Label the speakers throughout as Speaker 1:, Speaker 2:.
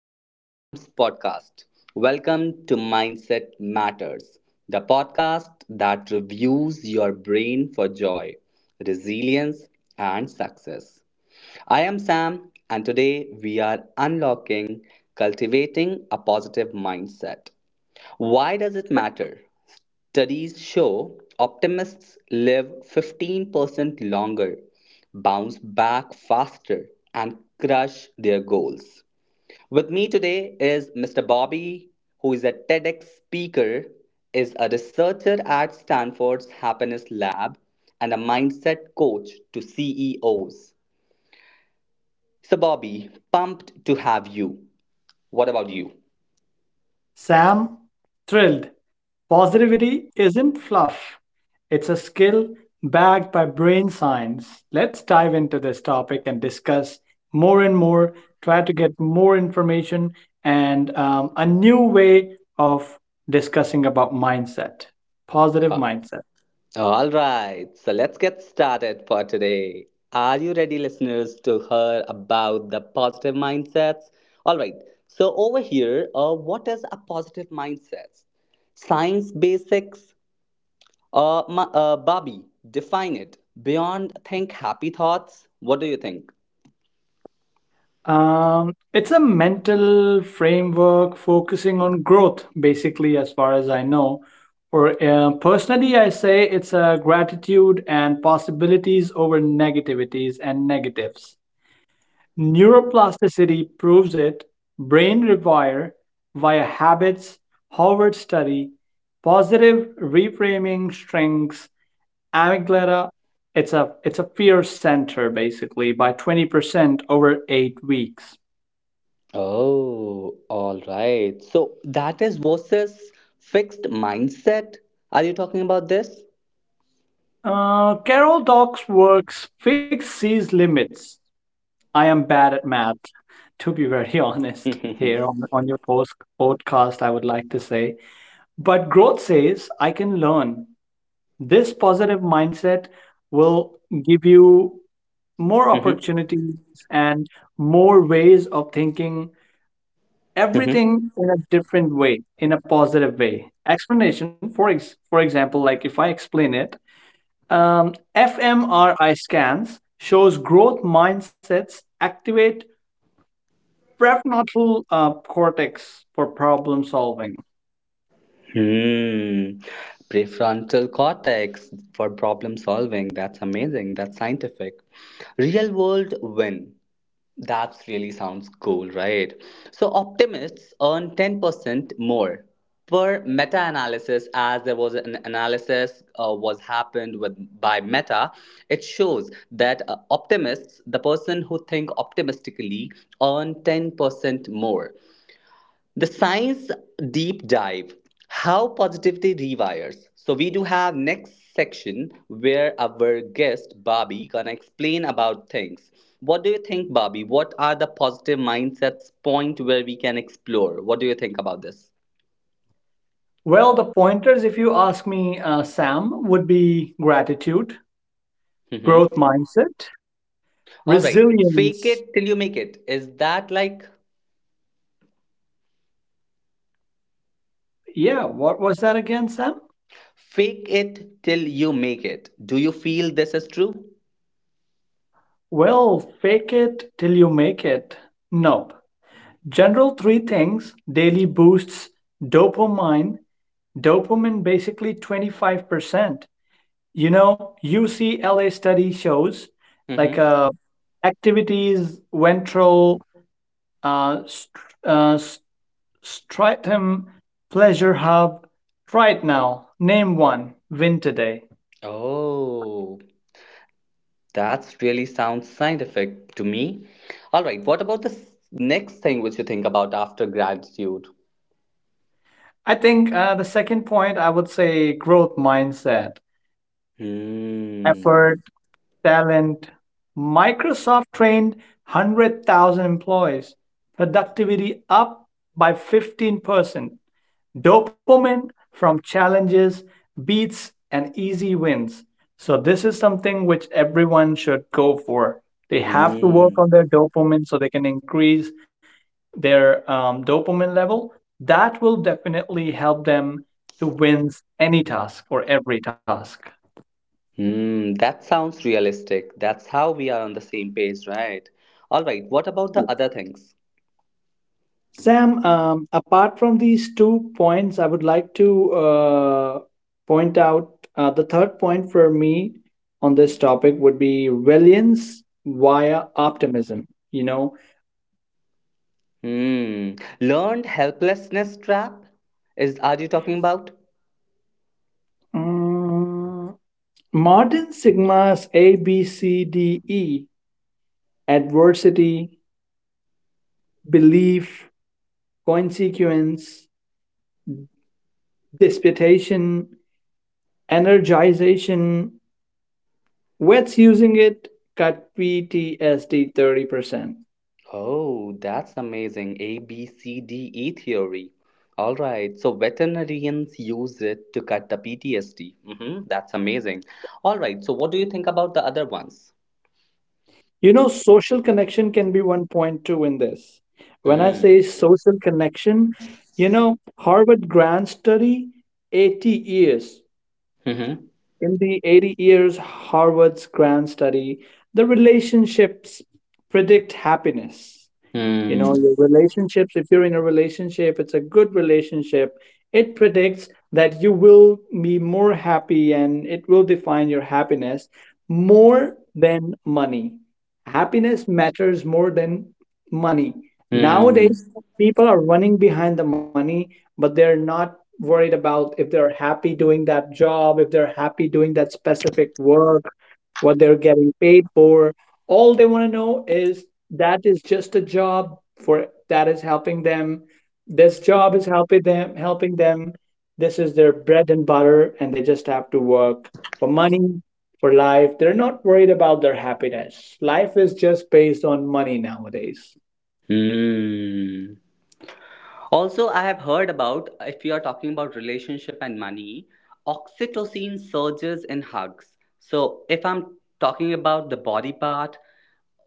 Speaker 1: that is Sam's Podcast. Welcome to Mindset Matters, the podcast that reviews your brain for joy, resilience, and success. I am Sam, and today we are unlocking cultivating a positive mindset. Why does it matter? Studies show optimists live 15% longer, bounce back faster, and crush their goals. With me today is Mr. Bobby, who is a TEDx speaker, is a researcher at Stanford's Happiness Lab, and a mindset coach to CEOs. So, Bobby, pumped to have you. What about you?
Speaker 2: Sam, thrilled. Positivity isn't fluff, it's a skill backed by brain science. Let's dive into this topic and discuss more and more, try to get more information and a new way of discussing about mindset, positive
Speaker 1: Uh,
Speaker 2: mindset.
Speaker 1: All right, so let's get started for today. Are you ready, listeners, to hear about the positive mindsets? All right, so over here, what is a positive mindset? Science basics, Bobby, define it. Beyond think happy thoughts, what do you think?
Speaker 2: It's a mental framework focusing on growth, basically, as far as I know. Or personally, I say it's a gratitude and possibilities over negativities and negatives. Neuroplasticity proves it. Brain rewire via habits, Harvard study, positive reframing strengths, amygdala. It's a fear center basically by 20% over 8 weeks.
Speaker 1: Oh, all right. So that is versus fixed mindset. Are you talking about this?
Speaker 2: Carol Doc's works fix these limits. I am bad at math, to be very honest, here on your podcast, I would like to say. But growth says I can learn. This positive mindset will give you more
Speaker 1: Mhm,
Speaker 2: opportunities and more ways of thinking
Speaker 1: mhm, mhm.
Speaker 2: everything in a different way, in a positive way. Explanation, for example, like if I explain it, fMRI scans shows growth mindsets activate prefrontal cortex for problem solving.
Speaker 1: Hmm. Prefrontal cortex for problem solving. That's amazing. That's scientific. Real world win. That really sounds cool, right? So optimists earn 10% more per meta-analysis, as there was an analysis was happened with by meta. It shows that optimists, the person who think optimistically, earn 10% more. The science deep dive how positivity rewires. So we do have next section where our guest Bobby gonna explain about things. What do you think, Bobby? What are the positive mindsets point where we can explore? What do you think about this?
Speaker 2: Well, the pointers, if you ask me, Sam, would be gratitude,
Speaker 1: Mm-hmm.
Speaker 2: growth mindset,
Speaker 1: All right. Fake
Speaker 2: resilience.
Speaker 1: it till you make it. Is that like
Speaker 2: Yeah, what was that again, Sam?
Speaker 1: fake it till you make it? Do you feel this is true?
Speaker 2: Well, fake it till you make it. Nope. General three things daily boosts dopamine, dopamine basically 25%. You know, UCLA study shows like
Speaker 1: Mm-hmm.
Speaker 2: uh, activities, ventral uh, st- uh, s- stratum, pleasure hub. Right now, name one. Win today.
Speaker 1: Oh. That's really sounds scientific to me. All right, what about the next thing which you think about after gratitude?
Speaker 2: I think the second point I would say growth mindset,
Speaker 1: Hmm.
Speaker 2: effort, talent. Microsoft trained 100,000 employees, productivity up by 15%. Dopamine from challenges beats and easy wins. So, this is something which everyone should go for. They have to work
Speaker 1: Hmm.
Speaker 2: on their dopamine so they can increase their dopamine level. That will definitely help them to win any task or every task.
Speaker 1: Hmm. That sounds realistic. That's how we are on the same page, right? All right, what about the other things?
Speaker 2: Sam, apart from these 2 points, I would like to point out the third point for me on this topic would be resilience via optimism. You know,
Speaker 1: Hmm. Learned helplessness trap? Is are you talking about?
Speaker 2: Mm, modern Sigma's A, B, C, D, E: adversity, belief, consequence, disputation, energization, what's using it cut PTSD 30%.
Speaker 1: Oh, that's amazing. A, B, C, D, E theory. All right. So veterinarians use it to cut the PTSD. Hmm. That's amazing. All right. So what do you think about the other ones?
Speaker 2: You know, social connection can be one point too in this. When I
Speaker 1: Hmm.
Speaker 2: say social connection, you know, Harvard grand study, 80 years.
Speaker 1: Hmm.
Speaker 2: In the 80 years, Harvard's grand study, the relationships predict happiness. You know, your
Speaker 1: Hmm.
Speaker 2: relationships, if you're in a relationship, it's a good relationship. It predicts that you will be more happy and it will define your happiness more than money. Happiness matters more than money. Nowadays,
Speaker 1: Hmm.
Speaker 2: people are running behind the money, but they're not worried about if they're happy doing that job, if they're happy doing that specific work, what they're getting paid for. All they want to know is that is just a job for that is helping them, this job is helping them, helping them. This is their bread and butter and they just have to work for money, for life. They're not worried about their happiness. Life is just based on money nowadays.
Speaker 1: Hmm. Also, I have heard about if you are talking about relationship and money, oxytocin surges in hugs. So if I'm talking about the body part,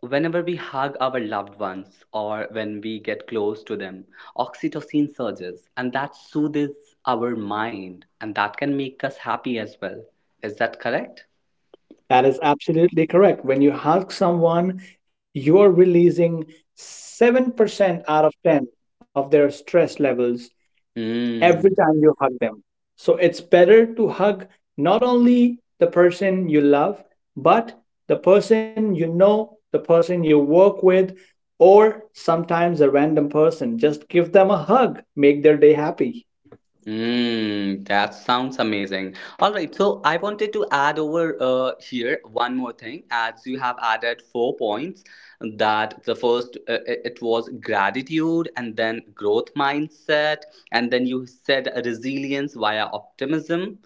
Speaker 1: whenever we hug our loved ones or when we get close to them, oxytocin surges and that soothes our mind and that can make us happy as well. Is that correct?
Speaker 2: That is absolutely correct. When you hug someone you're releasing 7% out of 10 of their stress levels every
Speaker 1: Mm,
Speaker 2: time you hug them. So it's better to hug not only the person you love, but the person you know, the person you work with, or sometimes a random person. Just give them a hug, make their day happy.
Speaker 1: mm, that sounds amazing. All right, so I wanted to add over here one more thing. As you have added four points, that the first it was gratitude, and then growth mindset, and then you said resilience via optimism,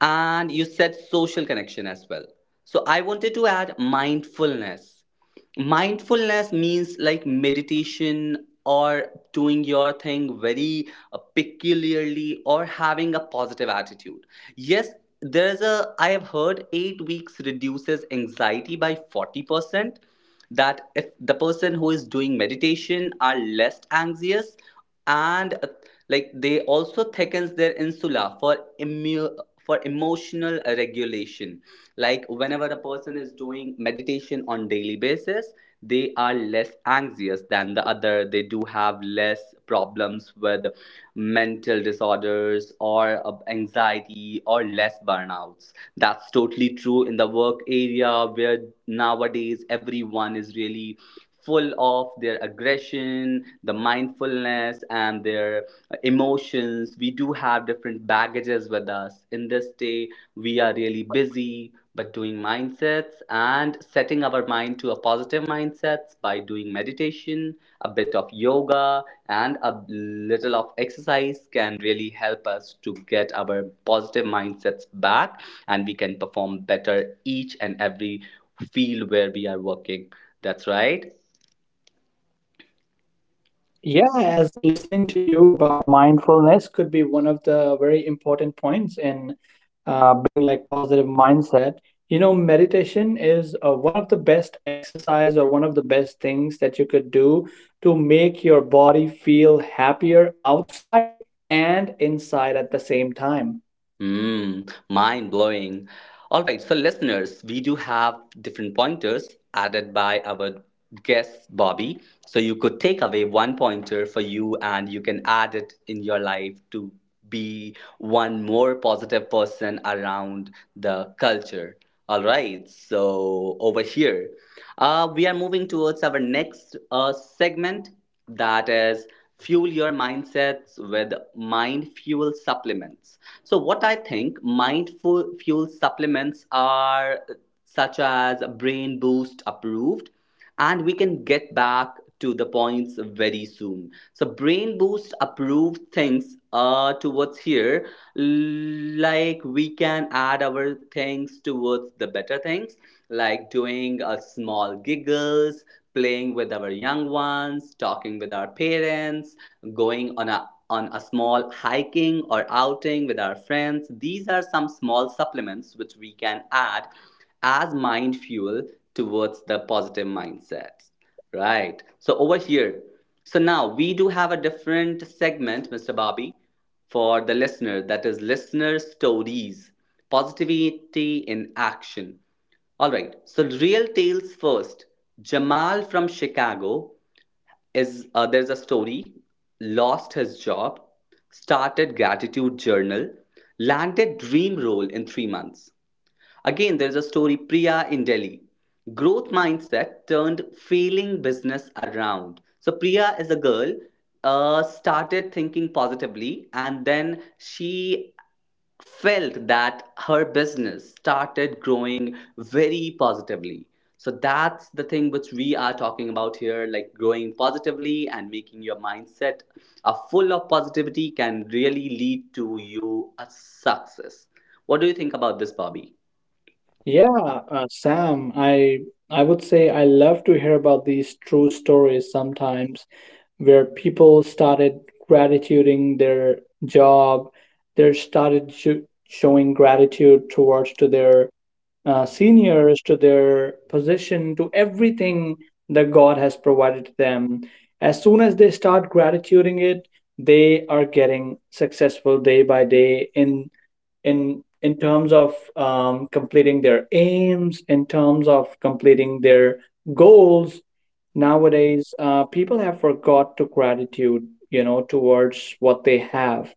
Speaker 1: and you said social connection as well. So I wanted to add mindfulness. Mindfulness means like meditation or doing your thing very peculiarly or having a positive attitude, yes. there's a I have heard 8 weeks reduces anxiety by 40%, that if the person who is doing meditation are less anxious, and like they also thickens their insula for immu- for emotional regulation. Like whenever a person is doing meditation on daily basis, they are less anxious than the other. They do have less problems with mental disorders or anxiety or less burnouts. That's totally true in the work area where nowadays everyone is really full of their aggression, the mindfulness and their emotions. We do have different baggages with us in this day. We are really busy, but doing mindsets and setting our mind to a positive mindsets by doing meditation, a bit of yoga, and a little of exercise can really help us to get our positive mindsets back, and we can perform better each and every field where we are working. That's right.
Speaker 2: Yeah, as listening to you about mindfulness could be one of the very important points in being like positive mindset. You know, meditation is one of the best exercise or one of the best things that you could do to make your body feel happier outside and inside at the same time.
Speaker 1: Mm, mind blowing. All right, so listeners, we do have different pointers added by our guest Bobby. So you could take away one pointer for you, and you can add it in your life to be one more positive person around the culture. All right, so over here, we are moving towards our next segment, that is fuel your mindsets with mind fuel supplements. So what I think mindful fuel supplements are, such as brain boost approved, and we can get back to the points very soon. So brain boost approved things towards here, like we can add our things towards the better things, like doing a small giggles, playing with our young ones, talking with our parents, going on a small hiking or outing with our friends. These are some small supplements which we can add as mind fuel towards the positive mindset. Right. So over here. So now we do have a different segment, Mr. Bobby, for the listener. That is listener stories, positivity in action. All right. So real tales first. Jamal from Chicago is there's a story. Lost his job, started gratitude journal, landed dream role in 3 months. Again, there's a story, Priya in Delhi. Growth mindset turned failing business around. So, Priya is a girl, started thinking positively, and then she felt that her business started growing very positively. So, that's the thing which we are talking about here, like growing positively and making your mindset a full of positivity can really lead to you a success. What do you think about this, Bobby?
Speaker 2: Yeah, Sam, I would say I love to hear about these true stories sometimes where people started gratituding their job, they started sho- showing gratitude towards to their seniors, to their position, to everything that god has provided to them. As soon as they start gratituding it, they are getting successful day by day, in terms of completing their aims, in terms of completing their goals. Nowadays, people have forgot to gratitude, you know, towards what they have.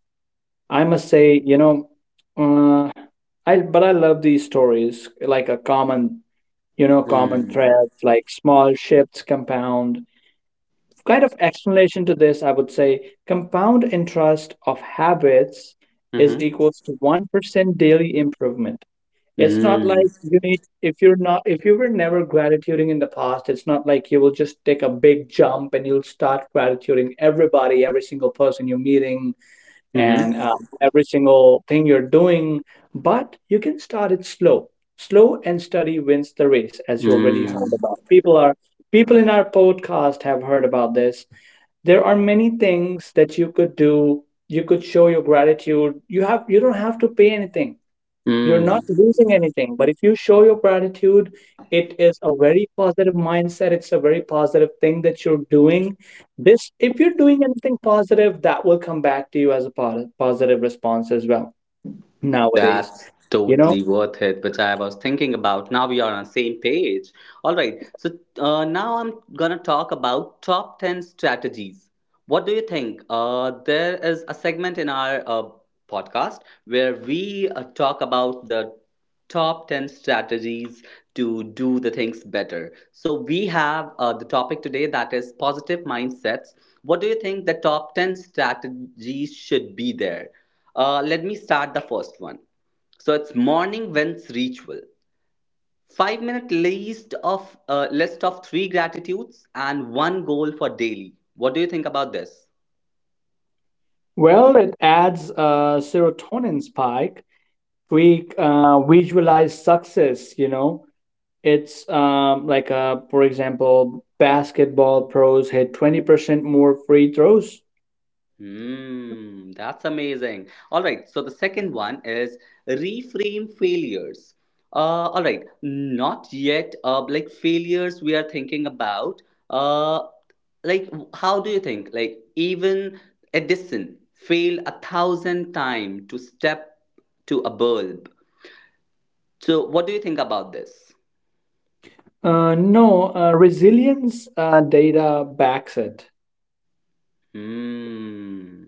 Speaker 2: I must say, you know, uh, I but I love these stories, like a common, you know, common
Speaker 1: Mm.
Speaker 2: thread, like small shifts compound kind of explanation to this, I would say compound interest of habits is
Speaker 1: Mm-hmm.
Speaker 2: equals to 1% daily improvement. It's not like
Speaker 1: Mm.
Speaker 2: you need if you were never gratituding in the past, it's not like you will just take a big jump and you'll start gratituding everybody, every single person you're meeting, and
Speaker 1: Mm-hmm.
Speaker 2: every single thing you're doing. But you can start it slow. Slow and steady wins the race, as you already heard
Speaker 1: Mm.
Speaker 2: about. People in our podcast have heard about this. There are many things that you could do. You could show your gratitude. You don't have to pay anything, you're not
Speaker 1: Mm.
Speaker 2: losing anything. But if you show your gratitude, it is a very positive mindset. It's a very positive thing that you're doing. This, if you're doing anything positive, that will come back to you as a positive response as well nowadays,
Speaker 1: That's
Speaker 2: you know?
Speaker 1: totally worth it, which I was thinking about. Now we are on the same page. All right. So now I'm gonna talk about top 10 strategies. What do you think? There is a segment in our podcast where we talk about the top 10 strategies to do the things better, so we have the topic today, that is positive mindsets. What do you think the top 10 strategies should be there? Let me start the first one. So it's morning wins ritual. 5-minute list of three gratitudes and one goal for daily. What do you think about this?
Speaker 2: Well, it adds a serotonin spike. We visualize success, you know? It's for example, basketball pros hit 20% more free throws.
Speaker 1: Hmm, that's amazing. All right, so the second one is reframe failures. All right, not yet. Like failures we are thinking about. Uh, like how do you think? Like even Edison failed 1,000 times to step to a bulb. So, what do you think about this?
Speaker 2: No, Resilience data backs it.
Speaker 1: Hmm.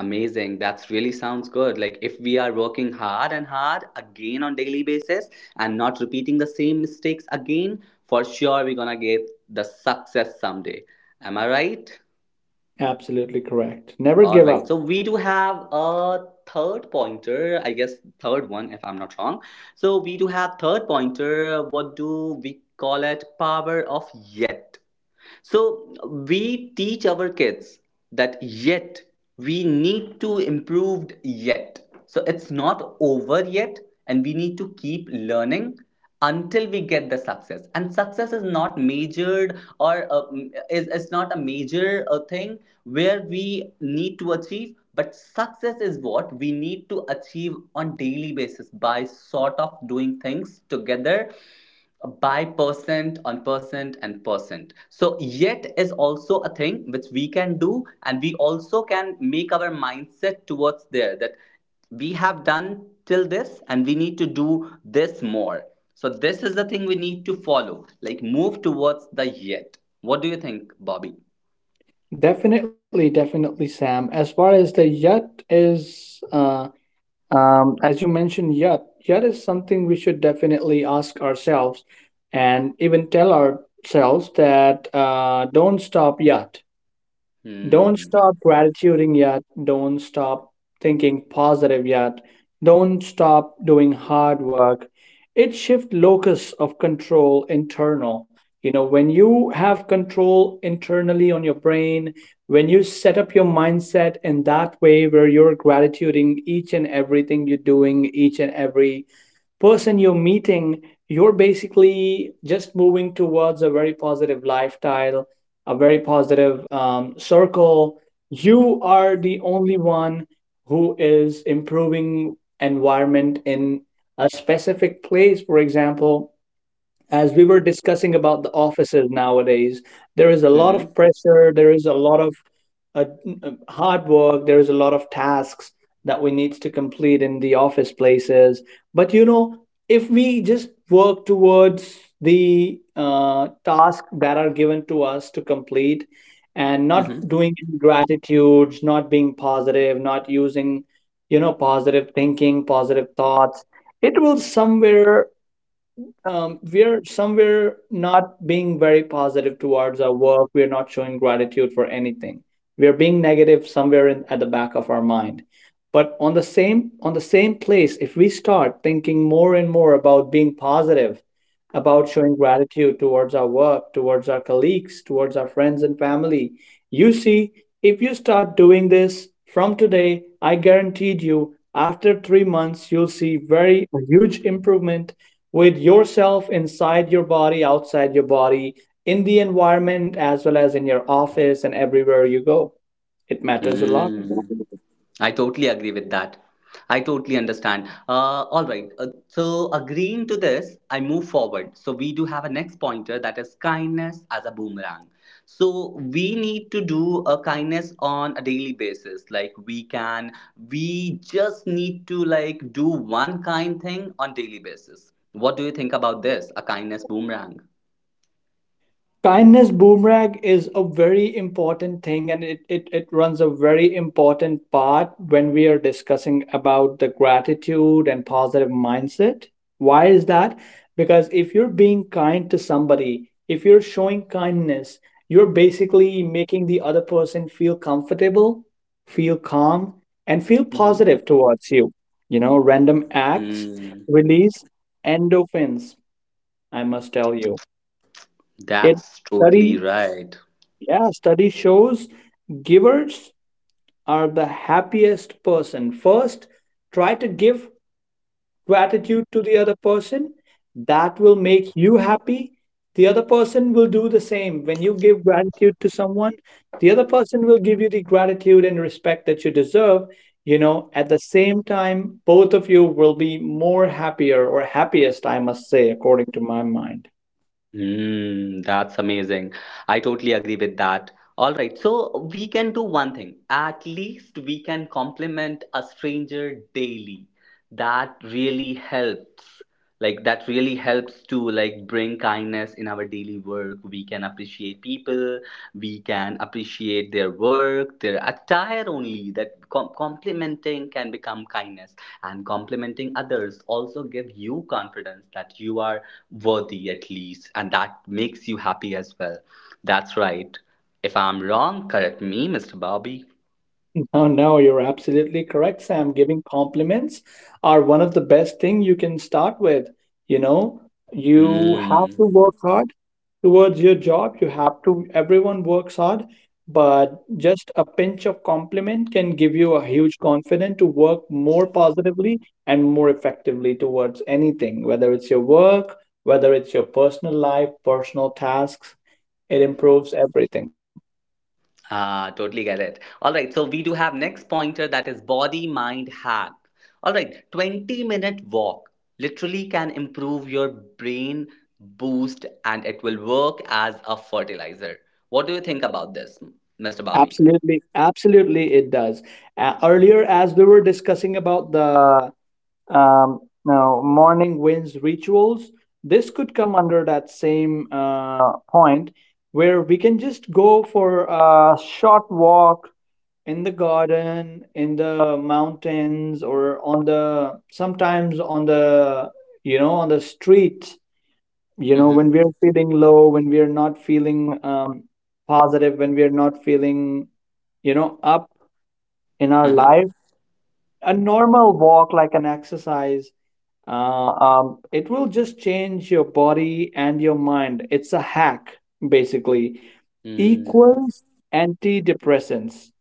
Speaker 1: Amazing. That's really sounds good. Like if we are working hard and hard again on daily basis, and not repeating the same mistakes again, for sure we're gonna get the success someday. Am I right?
Speaker 2: Absolutely correct. Never
Speaker 1: All
Speaker 2: give
Speaker 1: right.
Speaker 2: up.
Speaker 1: So we do have a third pointer, I guess, third one if I'm not wrong. So we do have third pointer. What do we call it? Power of yet. So we teach our kids that yet we need to improve yet. So it's not over yet, and we need to keep learning until we get the success. And success is not measured or is not a major thing where we need to achieve, but success is what we need to achieve on daily basis by sort of doing things together, by percent on percent and percent. So yet is also a thing which we can do, and we also can make our mindset towards there that we have done till this and we need to do this more. So this is the thing we need to follow, like move towards the yet. What do you think, Bobby?
Speaker 2: Definitely, definitely, Sam. As far as the yacht is, as you mentioned, yacht is something we should definitely ask ourselves and even tell ourselves that don't stop yet. Don't
Speaker 1: Hmm.
Speaker 2: stop gratituding yet. Don't stop thinking positive yet. Don't stop doing hard work. It shift locus of control internal. You know, when you have control internally on your brain, when you set up your mindset in that way where you're gratituding each and everything you're doing, each and every person you're meeting, you're basically just moving towards a very positive lifestyle, a very positive circle. You are the only one who is improving environment in a specific place, for example, as we were discussing about the offices nowadays, there is a
Speaker 1: Mm-hmm.
Speaker 2: lot of pressure, there is a lot of uh, hard work, there is a lot of tasks that we need to complete in the office places. But you know, if we just work towards the tasks that are given to us to complete and
Speaker 1: Mm-hmm.
Speaker 2: not doing any gratitudes, not being positive, not using, you know, positive thinking, positive thoughts, it will somewhere we're somewhere not being very positive towards our work. We're not showing gratitude for anything. We're being negative somewhere in, at the back of our mind. But on the same place, if we start thinking more and more about being positive, about showing gratitude towards our work, towards our colleagues, towards our friends and family. You see, if you start doing this from today, I guaranteed you after 3 months, you'll see very a huge improvement with yourself inside your body, outside your body, in the environment, as well as in your office and everywhere you go. It matters a lot.
Speaker 1: Hmm. I totally agree with that. I totally understand. All right. So, agreeing to this, I move forward. So, we do have a next pointer that is kindness as a boomerang. So, we need to do a kindness on a daily basis. Like, we just need to like do one kind thing on daily basis. What do you think about this? A kindness boomerang.
Speaker 2: Kindness boomerang is a very important thing and it runs a very important part when we are discussing about the gratitude and positive mindset. Why is that? Because if you're being kind to somebody, if you're showing kindness, you're basically making the other person feel comfortable, feel calm, and feel
Speaker 1: Mm-hmm.
Speaker 2: positive towards you. You know, random acts
Speaker 1: Mm,
Speaker 2: release endorphins, I must tell you. It
Speaker 1: that's totally
Speaker 2: study
Speaker 1: right.
Speaker 2: Yeah, study shows givers are the happiest person. First, try to give gratitude to the other person, that will make you happy. The other person will do the same. When you give gratitude to someone, the other person will give you the gratitude and respect that you deserve. You know, at the same time both of you will be more happier or happiest, I must say, according to my mind.
Speaker 1: Hmm, that's amazing. I totally agree with that. All right, so we can do one thing. At least we can compliment a stranger daily. That really helps. Like that really helps to like bring kindness in our daily work. We can appreciate people. We can appreciate their work, their attire only. That complimenting can become kindness, and complimenting others also give you confidence that you are worthy at least, and that makes you happy as well. That's right. If I'm wrong, correct me, Mr. Bobby.
Speaker 2: No, no, you're absolutely correct, Sam. Giving compliments are one of the best thing you can start with. You know, you have
Speaker 1: Hmm.
Speaker 2: to work hard towards your job. You have to, everyone works hard, but just a pinch of compliment can give you a huge confidence to work more positively and more effectively towards anything, whether it's your work, whether it's your personal life, personal tasks. It improves everything.
Speaker 1: Ah, totally get it. All right, so we do have next pointer that is body mind hack. All right, 20-minute walk literally can improve your brain boost, and it will work as a fertilizer. What do you think about this, Mr. Bobby?
Speaker 2: Absolutely, absolutely it does. Earlier as we were discussing about the now, morning winds rituals. This could come under that same point where we can just go for a short walk in the garden, in the mountains, or on the sometimes on the you know on the street. You know, when
Speaker 1: Mm-hmm.
Speaker 2: we are feeling low, when we are not feeling positive, when we are not feeling up in our
Speaker 1: Mm-hmm.
Speaker 2: life, a normal walk like an exercise it will just change your body and your mind. It's a hack, basically.
Speaker 1: Hmm.
Speaker 2: Equals antidepressants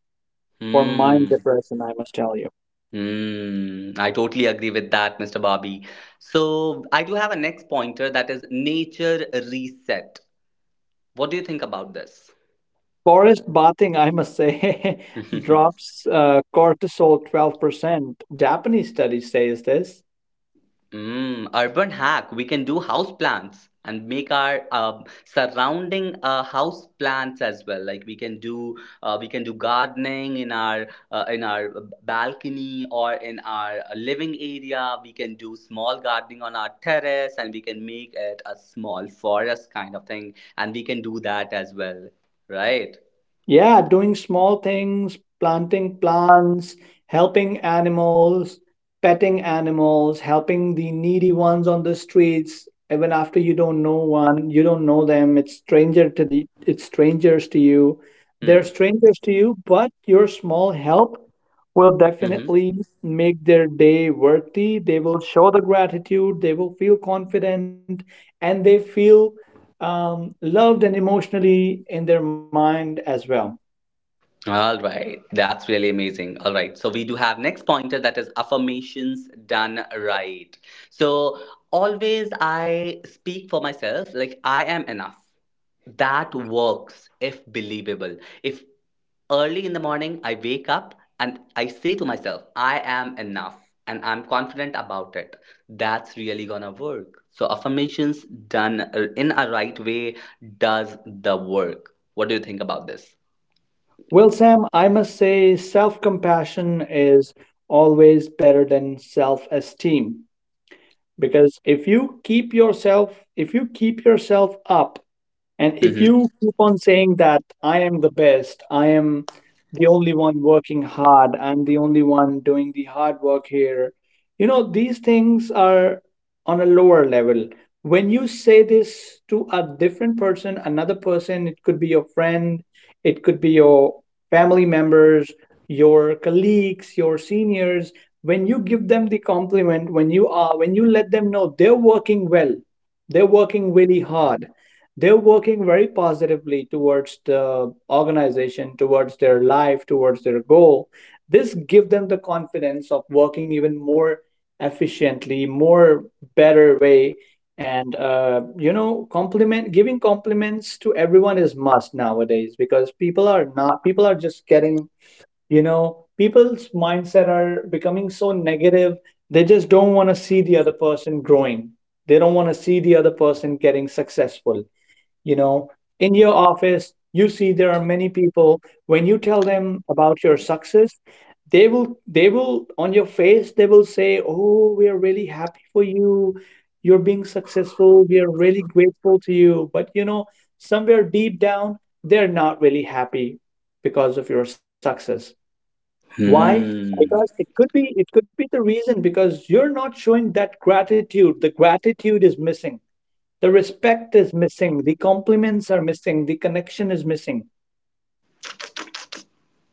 Speaker 2: for mind
Speaker 1: Hmm.
Speaker 2: depression, I must tell you.
Speaker 1: Hmm. I totally agree with that, Mr. Bobby. So I do have a next pointer that is nature reset. What do you think about this?
Speaker 2: Forest bathing, I must say, drops cortisol 12%. Japanese study says this.
Speaker 1: Mm, urban hack. We can do house plants and make our surrounding house plants as well. Like we can do gardening in our in our balcony or in our living area. We can do small gardening on our terrace and we can make it a small forest kind of thing. And we can do that as well, right?
Speaker 2: Yeah, doing small things, planting plants, helping animals, petting animals, helping the needy ones on the streets, even after you don't know one, you don't know them, it's strangers to you. They're
Speaker 1: Hmm.
Speaker 2: strangers to you, but your small help will
Speaker 1: Mm-hmm.
Speaker 2: definitely make their day worthy. They will show the gratitude, they will feel confident, and they feel loved and emotionally in their mind as well.
Speaker 1: All right, that's really amazing. All right, so we do have next pointer that is affirmations done right. So always I speak for myself, like I am enough. That works if believable. If early in the morning I wake up and I say to myself, I am enough and I'm confident about it, that's really gonna work. So affirmations done in a right way does the work. What do you think about this?
Speaker 2: Well, Sam, I must say self compassion is always better than self esteem because if you keep yourself up and if
Speaker 1: Hmm
Speaker 2: you keep on saying that I am the best, I am the only one working hard, I'm the only one doing the hard work here, you know, these things are on a lower level. When you say this to a different person, another person, it could be your friend, it could be your family members, your colleagues, your seniors, when you give them the compliment, when you are, when you let them know they're working well, they're working really hard, they're working very positively towards the organization, towards their life, towards their goal. This give them the confidence of working even more efficiently, more better way. And you know, compliment giving compliments to everyone is must nowadays because people are not people are just getting, you know, people's mindset are becoming so negative. They just don't want to see the other person growing, they don't want to see the other person getting successful. You know, in your office, you see there are many people. When you tell them about your success, on your face, they will say, oh, we are really happy for you. You're being successful. We are really grateful to you. But, you know, somewhere deep down, they're not really happy because of your success. Why?
Speaker 1: Hmm.
Speaker 2: Because it could be the reason because you're not showing that gratitude. The gratitude is missing, the respect is missing, the compliments are missing, the connection is missing.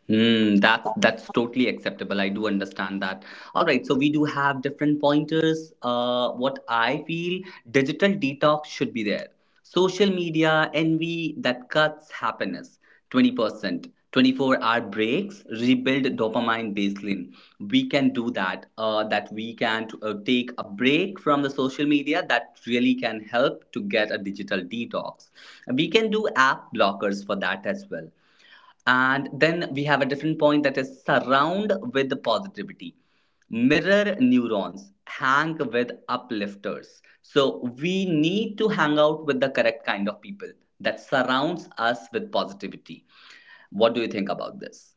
Speaker 1: Hmm. That's totally acceptable. I do understand that. All right. So we do have different pointers. What I feel digital detox should be there. Social media envy that cuts happiness. 20%. 24-hour breaks rebuild dopamine baseline. We can do that, that we can take a break from the social media. That really can help to get a digital detox. We can do app blockers for that as well. And then we have a different point that is surround with positivity. Mirror neurons, hang with uplifters. So we need to hang out with the correct kind of people that surrounds us with positivity. What do you think about this?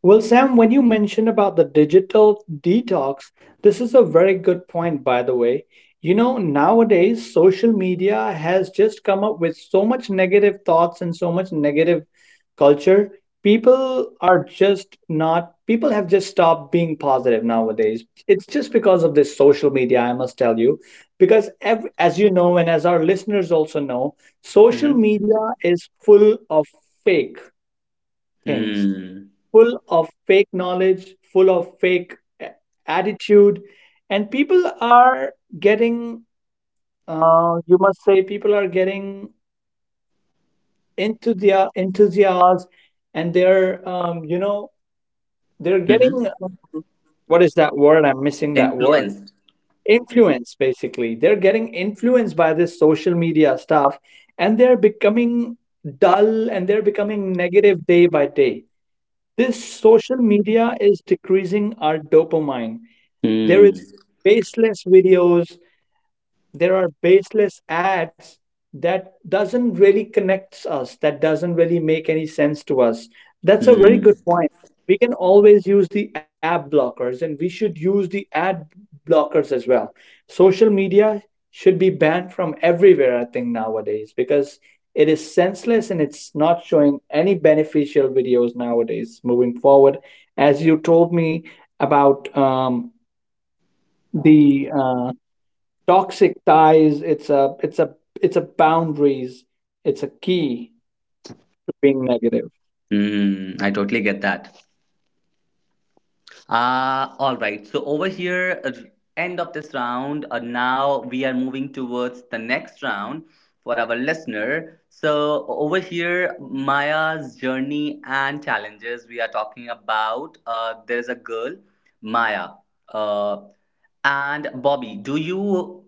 Speaker 2: Well, Sam, when you mentioned about the digital detox, this is a very good point, by the way. You know, nowadays, social media has just come up with so much negative thoughts and so much negative culture. People are just not, people have just stopped being positive nowadays. It's just because of this social media, I must tell you. Because, ev as you know, and as our listeners also know, social
Speaker 1: Mm-hmm.
Speaker 2: media is full of fake things,
Speaker 1: Mm.
Speaker 2: full of fake knowledge, full of fake attitude, and getting, people are getting into their enthusiasm, and they're, you know, they're getting,
Speaker 1: Mm-hmm.
Speaker 2: what is that word? I'm missing that word.
Speaker 1: Influenced.
Speaker 2: Influence, basically. They're getting influenced by this social media stuff, and they're becoming dull and they're becoming negative day by day. This social media is decreasing our dopamine. There is
Speaker 1: Mm.
Speaker 2: baseless videos, there are baseless ads that doesn't really connects us, that doesn't really make any sense to us. That's a very good
Speaker 1: Mm.
Speaker 2: point. We can always use the ad blockers and we should use the ad blockers as well. Social media should be banned from everywhere, I think, nowadays because it is senseless and it's not showing any beneficial videos nowadays moving forward. As you told me about the toxic ties, it's a boundaries, it's a key to being negative.
Speaker 1: Mm. I totally get that. All right. So over here, end of this round. Now we are moving towards the next round for our listener. So over here, Maya's journey and challenges, we are talking about. There's a girl, Maya. Uh, and Bobby. Do you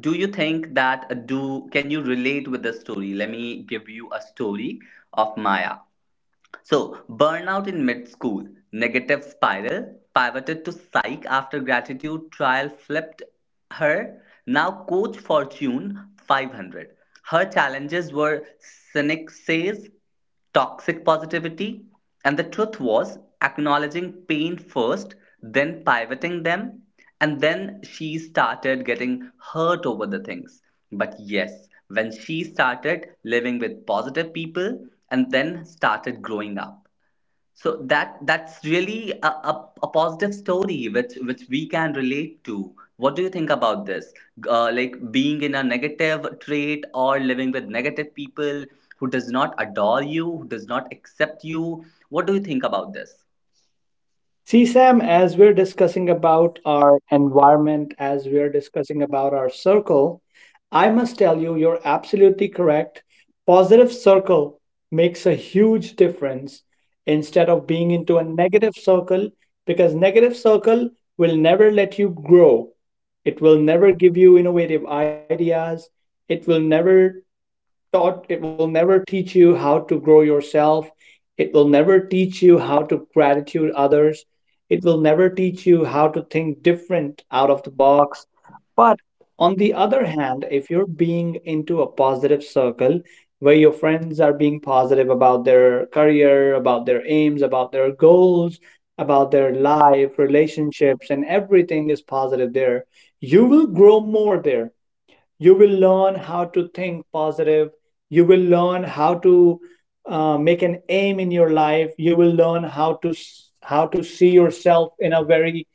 Speaker 1: do you think that do can you relate with the story? Let me give you a story of Maya. So, burnout in mid school, negative spiral, pivoted to psych after gratitude trial flipped her. Now, Coach Fortune 500. Her challenges were cynic says, toxic positivity, and the truth was acknowledging pain first, then pivoting them, and then she started getting hurt over the things. But yes, when she started living with positive people and then started growing up. So that that's really a positive story which we can relate to. What do you think about this? Like being in a negative trait or living with negative people who does not adore you, who does not accept you. What do you think about this?
Speaker 2: See, Sam, as we're discussing about our environment, as we're discussing about our circle, I must tell you, you're absolutely correct. Positive circle makes a huge difference instead of being into a negative circle, because negative circle will never let you grow. It will never give you innovative ideas. It will never it will never teach you how to grow yourself, it will never teach you how to gratitude others, it will never teach you how to think different out of the box. But on the other hand, if you're being into a positive circle where your friends are being positive about their career, about their aims, about their goals, about their life, relationships, and everything is positive there, you will grow more there. You will learn how to think positive, you will learn how to make an aim in your life, you will learn how to how to see yourself in a very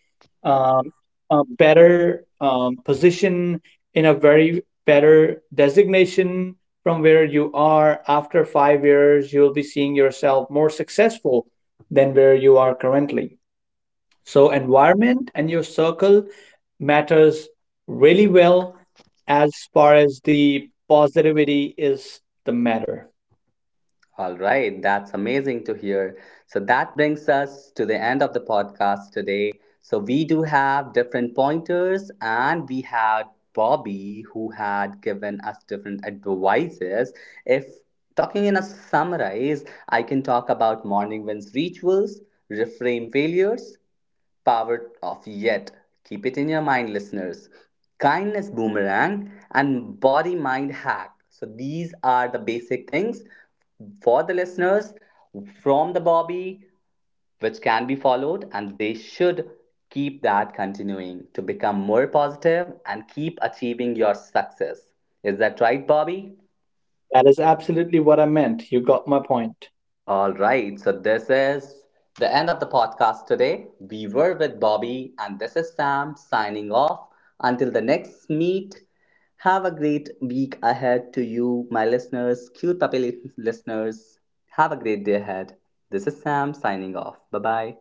Speaker 2: um, a better position, in a very better designation. From where you are after 5 years, you'll be seeing yourself more successful than where you are currently. So environment and your circle matters really well as far as the positivity is the matter.
Speaker 1: All right, that's amazing to hear. So that brings us to the end of the podcast today. So we do have different pointers, and we had Bobby who had given us different advices. If talking in a summarize, I can talk about morning wins rituals, reframe failures, power of yet. Keep it in your mind, listeners. Kindness boomerang and body mind hack. So, these are the basic things for the listeners from the Bobby, which can be followed, and they should keep that continuing to become more positive and keep achieving your success. Is that right, Bobby?
Speaker 2: That is absolutely what I meant. You got my point.
Speaker 1: All right, so this is the end of the podcast today. We were with Bobby, and this is Sam signing off. Until the next meet, have a great week ahead to you, my listeners, cute puppy li- listeners. Have a great day ahead. This is Sam signing off. Bye bye.